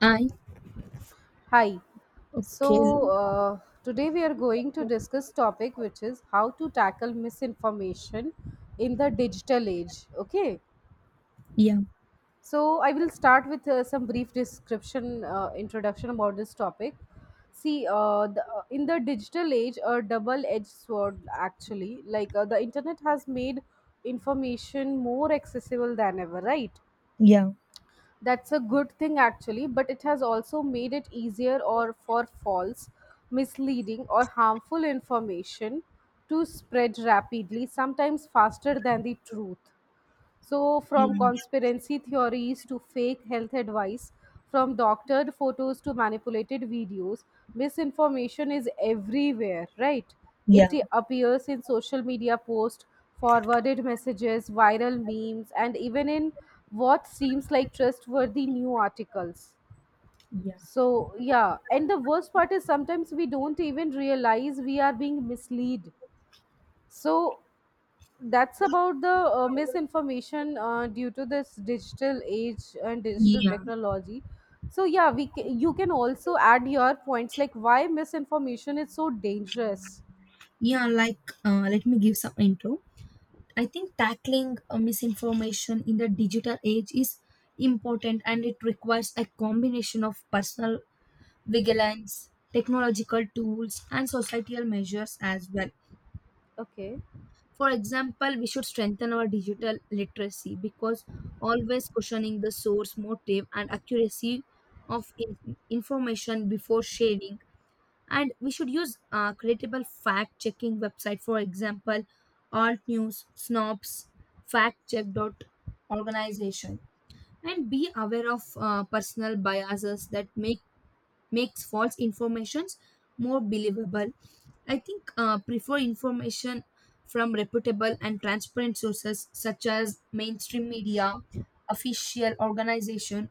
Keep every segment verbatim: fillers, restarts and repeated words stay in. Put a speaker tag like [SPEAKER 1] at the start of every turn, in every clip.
[SPEAKER 1] I.
[SPEAKER 2] Hi. So
[SPEAKER 1] Okay.
[SPEAKER 2] uh, today we are going to discuss topic which is how to tackle misinformation in the digital age. Okay.
[SPEAKER 1] Yeah.
[SPEAKER 2] So I will start with uh, some brief description, uh, introduction about this topic. See, uh, the, uh, in the digital age, a double-edged sword actually. Like uh, the internet has made information more accessible than ever, right?
[SPEAKER 1] Yeah,
[SPEAKER 2] That's a good thing actually, but it has also made it easier or for false, misleading or harmful information to spread rapidly, sometimes faster than the truth. So, from
[SPEAKER 1] yeah,
[SPEAKER 2] conspiracy theories to fake health advice, from doctored photos to manipulated videos, misinformation is everywhere, right? It
[SPEAKER 1] yeah.
[SPEAKER 2] appears in social media posts, forwarded messages, viral memes, and even in what seems like trustworthy new articles. So, yeah, and the worst part is sometimes we don't even realize we are being misled. So, that's about the uh, misinformation uh, due to this digital age and digital
[SPEAKER 1] Yeah.
[SPEAKER 2] technology. So yeah, we ca- you can also add your points like why misinformation is so dangerous.
[SPEAKER 1] yeah like uh, Let me give some intro. I think tackling uh, misinformation in the digital age is important, and it requires a combination of personal vigilance, technological tools, and societal measures as well.
[SPEAKER 2] Okay.
[SPEAKER 1] For example, we should strengthen our digital literacy because always questioning the source, motive, and accuracy of in- information before sharing. And we should use uh, credible fact checking website, for example alt news snobs, fact check dot organization, and be aware of uh, personal biases that make makes false informations more believable. I think uh, prefer information from reputable and transparent sources such as mainstream media, official organization,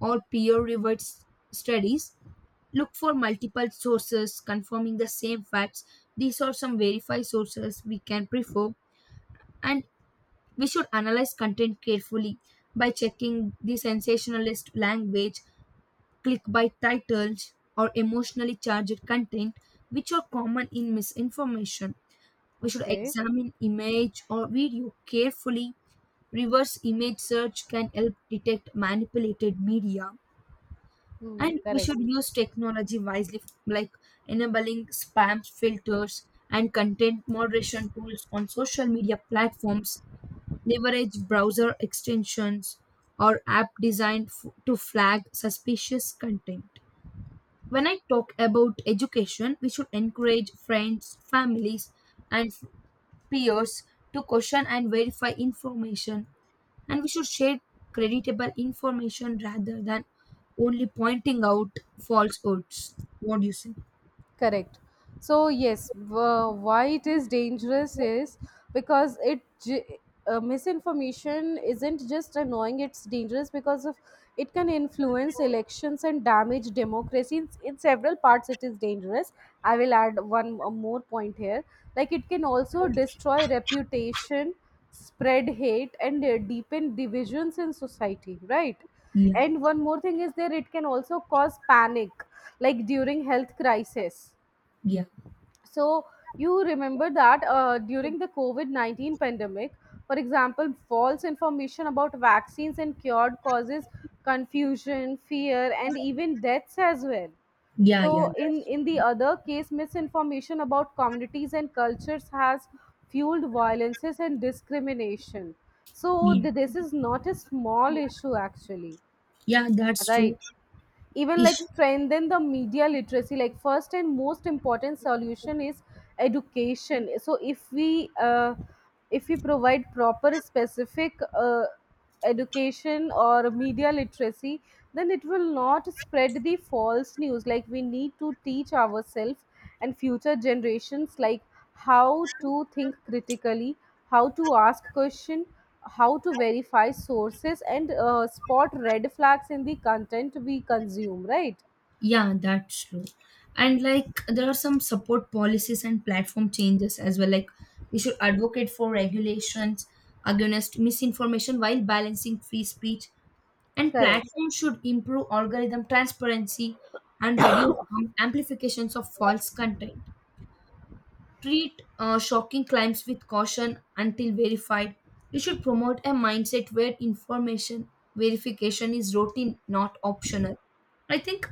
[SPEAKER 1] or peer reviewed s- studies. Look for multiple sources confirming the same facts. These are some verified sources we can prefer, and we should analyze content carefully by checking the sensationalist language, clickbait titles, or emotionally charged content, which are common in misinformation. We should
[SPEAKER 2] Okay.
[SPEAKER 1] examine image or video carefully. Reverse image search can help detect manipulated media.
[SPEAKER 2] Hmm,
[SPEAKER 1] And we
[SPEAKER 2] correct.
[SPEAKER 1] should use technology wisely, f- like enabling spam filters and content moderation tools on social media platforms, leverage browser extensions or app designed f- to flag suspicious content. When I talk about education, we should encourage friends, families, and f- peers to question and verify information. And we should share creditable information rather than only pointing out falsehoods. What do you say?
[SPEAKER 2] Correct. So yes, wh- why it is dangerous is because it j- uh, misinformation isn't just annoying; it's dangerous because of it can influence elections and damage democracy in, in several parts. It is dangerous. I will add one uh, more point here, like it can also destroy reputation, spread hate and uh, deepen divisions in society, right?
[SPEAKER 1] Yeah,
[SPEAKER 2] And one more thing is there, it can also cause panic like during health crisis.
[SPEAKER 1] yeah,
[SPEAKER 2] So you remember that uh, during the covid nineteen pandemic, for example, false information about vaccines and cured causes confusion, fear and even deaths as well.
[SPEAKER 1] yeah,
[SPEAKER 2] So
[SPEAKER 1] yeah.
[SPEAKER 2] in
[SPEAKER 1] That's
[SPEAKER 2] in the other case, misinformation about communities and cultures has fueled violences and discrimination. So
[SPEAKER 1] yeah,
[SPEAKER 2] th- this is not a small issue actually.
[SPEAKER 1] yeah. That's true.
[SPEAKER 2] Right. Even like
[SPEAKER 1] Ish-
[SPEAKER 2] strengthen the media literacy. Like first and most important solution is education. So if we uh, if we provide proper specific uh, education or media literacy, then it will not spread the false news. Like we need to teach ourselves and future generations like how to think critically, how to ask question, how to verify sources and uh, spot red flags in the content we consume, right?
[SPEAKER 1] Yeah, that's true. And like there are some support policies and platform changes as well. Like we should advocate for regulations against misinformation while balancing free speech. And
[SPEAKER 2] Correct.
[SPEAKER 1] platforms should improve algorithm transparency and reduce um, amplifications of false content. Treat uh, shocking claims with caution until verified. You should promote a mindset where information verification is routine, not optional. I think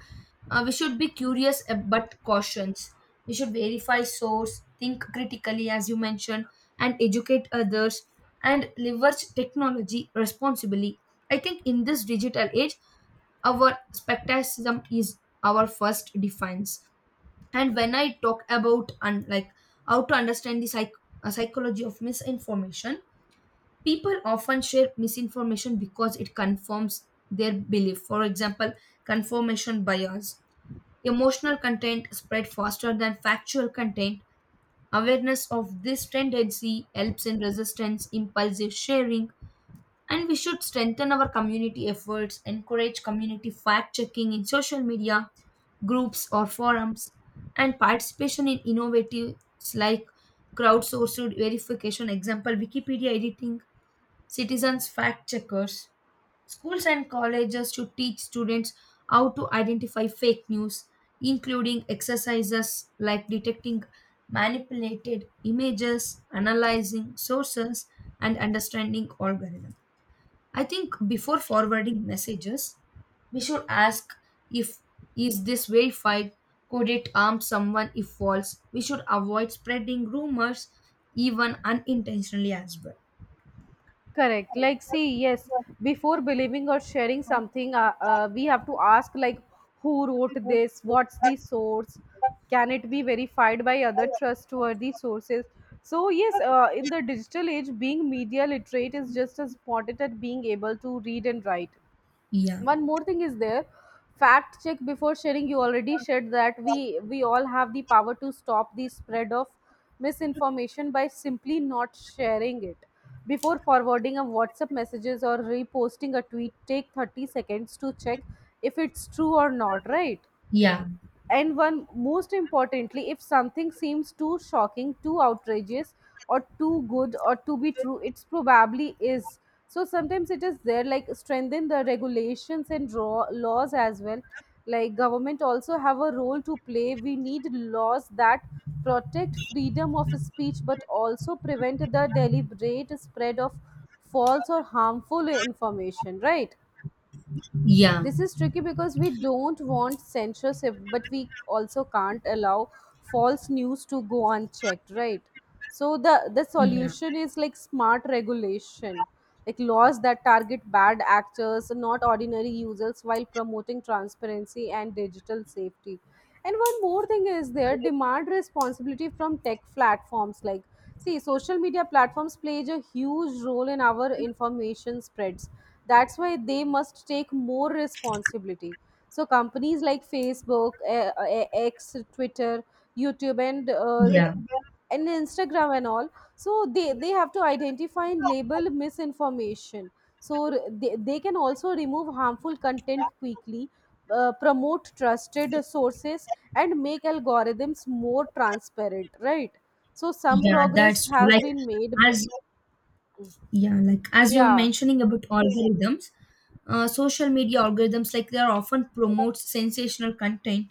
[SPEAKER 1] uh, we should be curious, uh, but cautious. We should verify source, think critically, as you mentioned, and educate others and leverage technology responsibly. I think in this digital age, our skepticism is our first defense. And when I talk about, and like, how to understand the psych- uh, psychology of misinformation, people often share misinformation because it confirms their belief, for example confirmation bias. Emotional content spread faster than factual content. Awareness of this tendency helps in resistance impulsive sharing. And we should strengthen our community efforts, encourage community fact checking in social media groups or forums, and participation in innovatives like crowdsourced verification, example Wikipedia editing, citizens fact checkers. Schools and colleges should teach students how to identify fake news, including exercises like detecting manipulated images, analyzing sources, and understanding algorithms. I think before forwarding messages, we should ask if is this verified? Could it harm someone if false? We should avoid spreading rumors even unintentionally as well.
[SPEAKER 2] Correct. Like, see, yes, before believing or sharing something, uh, uh, we have to ask, like, who wrote this? What's the source? Can it be verified by other trustworthy sources? So, yes, uh, in the digital age, being media literate is just as important as being able to read and write.
[SPEAKER 1] Yeah,
[SPEAKER 2] One more thing is there, fact check before sharing. You already shared that we we all have the power to stop the spread of misinformation by simply not sharing it. Before forwarding a whatsapp messages or reposting a tweet, take thirty seconds to check if it's true or not, right?
[SPEAKER 1] yeah,
[SPEAKER 2] And one, most importantly, if something seems too shocking, too outrageous or too good or to be true, it's probably is. So sometimes it is there, like strengthen the regulations and raw laws as well. Like government also have a role to play. We need laws that protect freedom of speech but also prevent the deliberate spread of false or harmful information, right?
[SPEAKER 1] yeah,
[SPEAKER 2] This is tricky because we don't want censorship, but we also can't allow false news to go unchecked, right? So the the
[SPEAKER 1] yeah,
[SPEAKER 2] solution is like smart regulation, like laws that target bad actors, not ordinary users, while promoting transparency and digital safety. And one more thing is there, demand responsibility from tech platforms. Like see, social media platforms plays a huge role in our information spreads. That's why they must take more responsibility. So companies like Facebook, eh, eh, X, Twitter, YouTube and uh,
[SPEAKER 1] yeah,
[SPEAKER 2] and Instagram and all, so they they have to identify and label misinformation. So r- they, they can also remove harmful content quickly, uh, promote trusted sources and make algorithms more transparent, right? So some
[SPEAKER 1] yeah.
[SPEAKER 2] progress
[SPEAKER 1] That's true.
[SPEAKER 2] has
[SPEAKER 1] Like
[SPEAKER 2] been made b-
[SPEAKER 1] as yeah, like as you were
[SPEAKER 2] yeah.
[SPEAKER 1] mentioning about algorithms, uh, social media algorithms, like they are often promotes sensational content.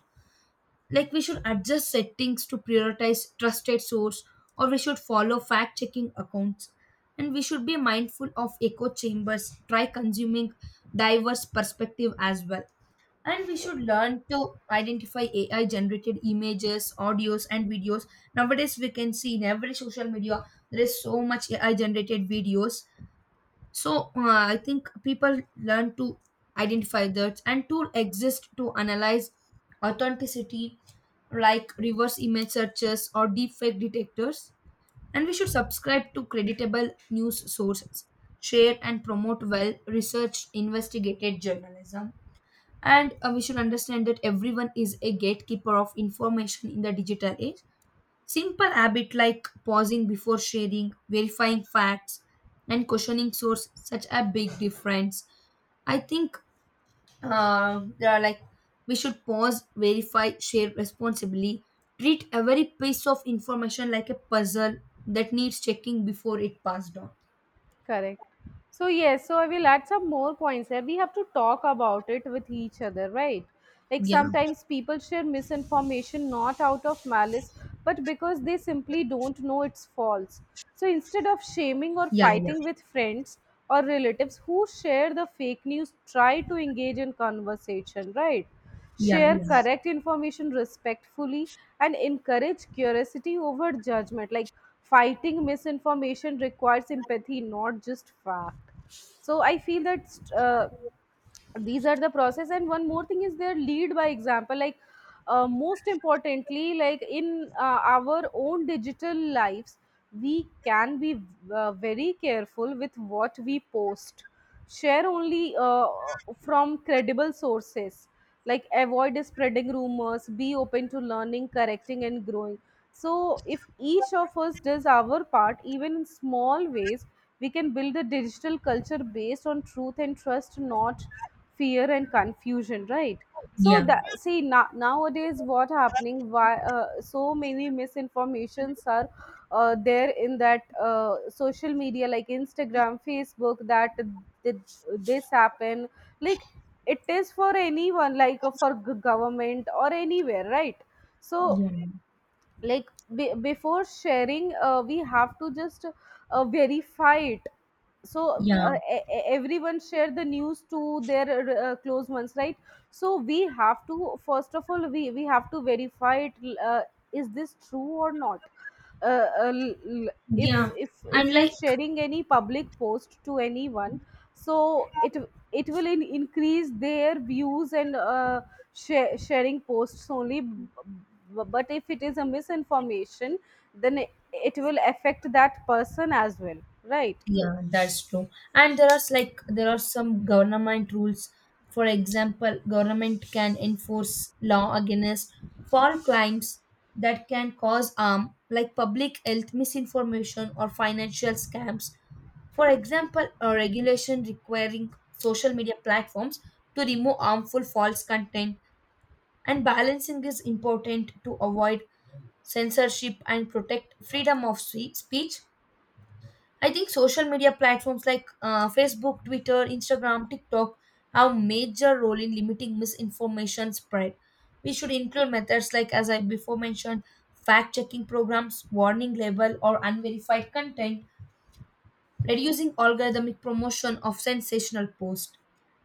[SPEAKER 1] Like we should adjust settings to prioritize trusted source, or we should follow fact checking accounts. And we should be mindful of echo chambers, try consuming diverse perspective as well. And we should learn to identify AI generated images, audios, and videos. Nowadays we can see in every social media there is so much AI generated videos. So uh, I think people learn to identify that, and tool exist to analyze authenticity like reverse image searches or deepfake detectors. And we should subscribe to creditable news sources, share and promote well researched investigated journalism. And uh, we should understand that everyone is a gatekeeper of information in the digital age. Simple habit like pausing before sharing, verifying facts, and questioning source such a big difference. I think uh, there are like we should pause, verify, share responsibly. Treat every piece of information like a puzzle that needs checking before it passed on.
[SPEAKER 2] Correct. So, yes, so I will add some more points here. We have to talk about it with each other, right? Like
[SPEAKER 1] Yeah,
[SPEAKER 2] sometimes people share misinformation not out of malice, but because they simply don't know it's false. So instead of shaming or
[SPEAKER 1] yeah, yeah,
[SPEAKER 2] fighting with friends or relatives who share the fake news, try to engage in conversation, right?
[SPEAKER 1] yeah,
[SPEAKER 2] Share
[SPEAKER 1] yeah,
[SPEAKER 2] correct information respectfully and encourage curiosity over judgment. Like fighting misinformation requires empathy, not just fact. So I feel that uh, these are the process. And one more thing is their lead by example. Like uh, most importantly, like in uh, our own digital lives, we can be uh, very careful with what we post, share only uh, from credible sources, like avoid spreading rumors, be open to learning, correcting and growing. So if each of us does our part, even in small ways, we can build a digital culture based on truth and trust, not fear and confusion, right? So
[SPEAKER 1] yeah,
[SPEAKER 2] that see, na- nowadays what happening, why uh, so many misinformations are uh, there in that uh, social media like Instagram, Facebook, that did this happen? Like it is for anyone, like uh, for g- government or anywhere, right? So
[SPEAKER 1] yeah,
[SPEAKER 2] like, be- before sharing, uh, we have to just uh, verify it. So
[SPEAKER 1] yeah,
[SPEAKER 2] uh, e- e- everyone share the news to their uh, close ones, right? So we have to, first of all, we we have to verify it, uh, is this true or not. uh, uh, l- l- if
[SPEAKER 1] yeah.
[SPEAKER 2] if if
[SPEAKER 1] And
[SPEAKER 2] we are
[SPEAKER 1] like
[SPEAKER 2] sharing any public post to anyone, so it it will in, increase their views, and uh, share, sharing posts only, b- b- but if it is a misinformation, then it, it will affect that person as well, right?
[SPEAKER 1] yeah, that's true. And there are s- like there are some government rules. For example, government can enforce law against false claims that can cause harm, like public health misinformation or financial scams. For example, a regulation requiring social media platforms to remove harmful false content, and balancing is important to avoid censorship and protect freedom of spe- speech. I think social media platforms like uh, Facebook, Twitter, Instagram, TikTok have major role in limiting misinformation spread. We should include methods like, as I before mentioned, fact checking programs, warning label, or unverified content, reducing algorithmic promotion of sensational posts.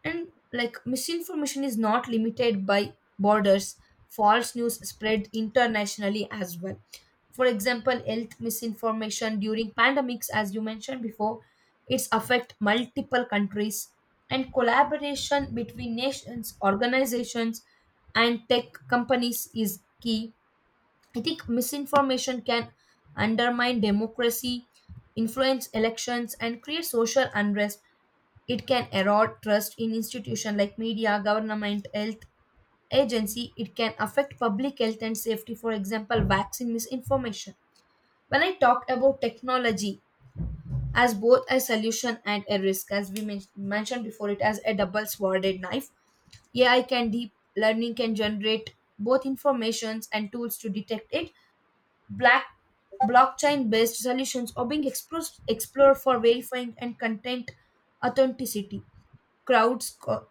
[SPEAKER 1] And like misinformation is not limited by borders, false news spread internationally as well. For example, health misinformation during pandemics, as you mentioned before, it's affect multiple countries. And collaboration between nations, organizations, and tech companies is key. I think misinformation can undermine democracy, influence elections, and create social unrest. It can erode trust in institutions like media, government, health agency. It can affect public health and safety, for example, vaccine misinformation. When I talk about technology as both a solution and a risk, as we men- mentioned before, it as a double sworded knife. A I can deep learning can generate both informations and tools to detect it. Black Blockchain-based solutions are being explored, explored for verifying and content authenticity. Crowds co-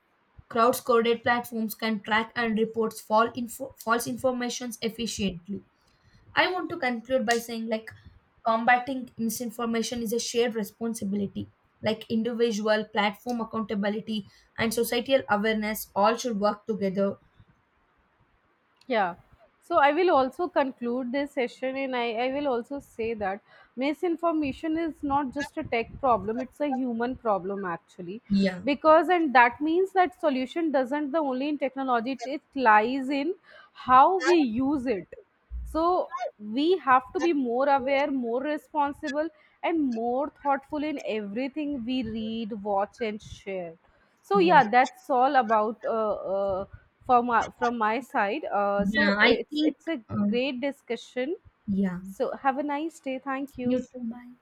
[SPEAKER 1] Crowd coded platforms can track and report false info, false informations efficiently. I want to conclude by saying like combating misinformation is a shared responsibility. Like individual platform accountability and societal awareness all should work together.
[SPEAKER 2] Yeah. So I will also conclude this session and I, I will also say that misinformation is not just a tech problem, it's a human problem actually.
[SPEAKER 1] Yeah,
[SPEAKER 2] Because and that means that solution doesn't the only in technology, it, it lies in how we use it. So we have to be more aware, more responsible, and more thoughtful in everything we read, watch, and share. So
[SPEAKER 1] yeah,
[SPEAKER 2] yeah, that's all about uh, uh, from uh, from my side. Uh, so
[SPEAKER 1] yeah. I
[SPEAKER 2] it's
[SPEAKER 1] think,
[SPEAKER 2] it's a
[SPEAKER 1] um,
[SPEAKER 2] great discussion.
[SPEAKER 1] yeah.
[SPEAKER 2] So have a nice day. Thank
[SPEAKER 1] You
[SPEAKER 2] you.
[SPEAKER 1] too. Bye.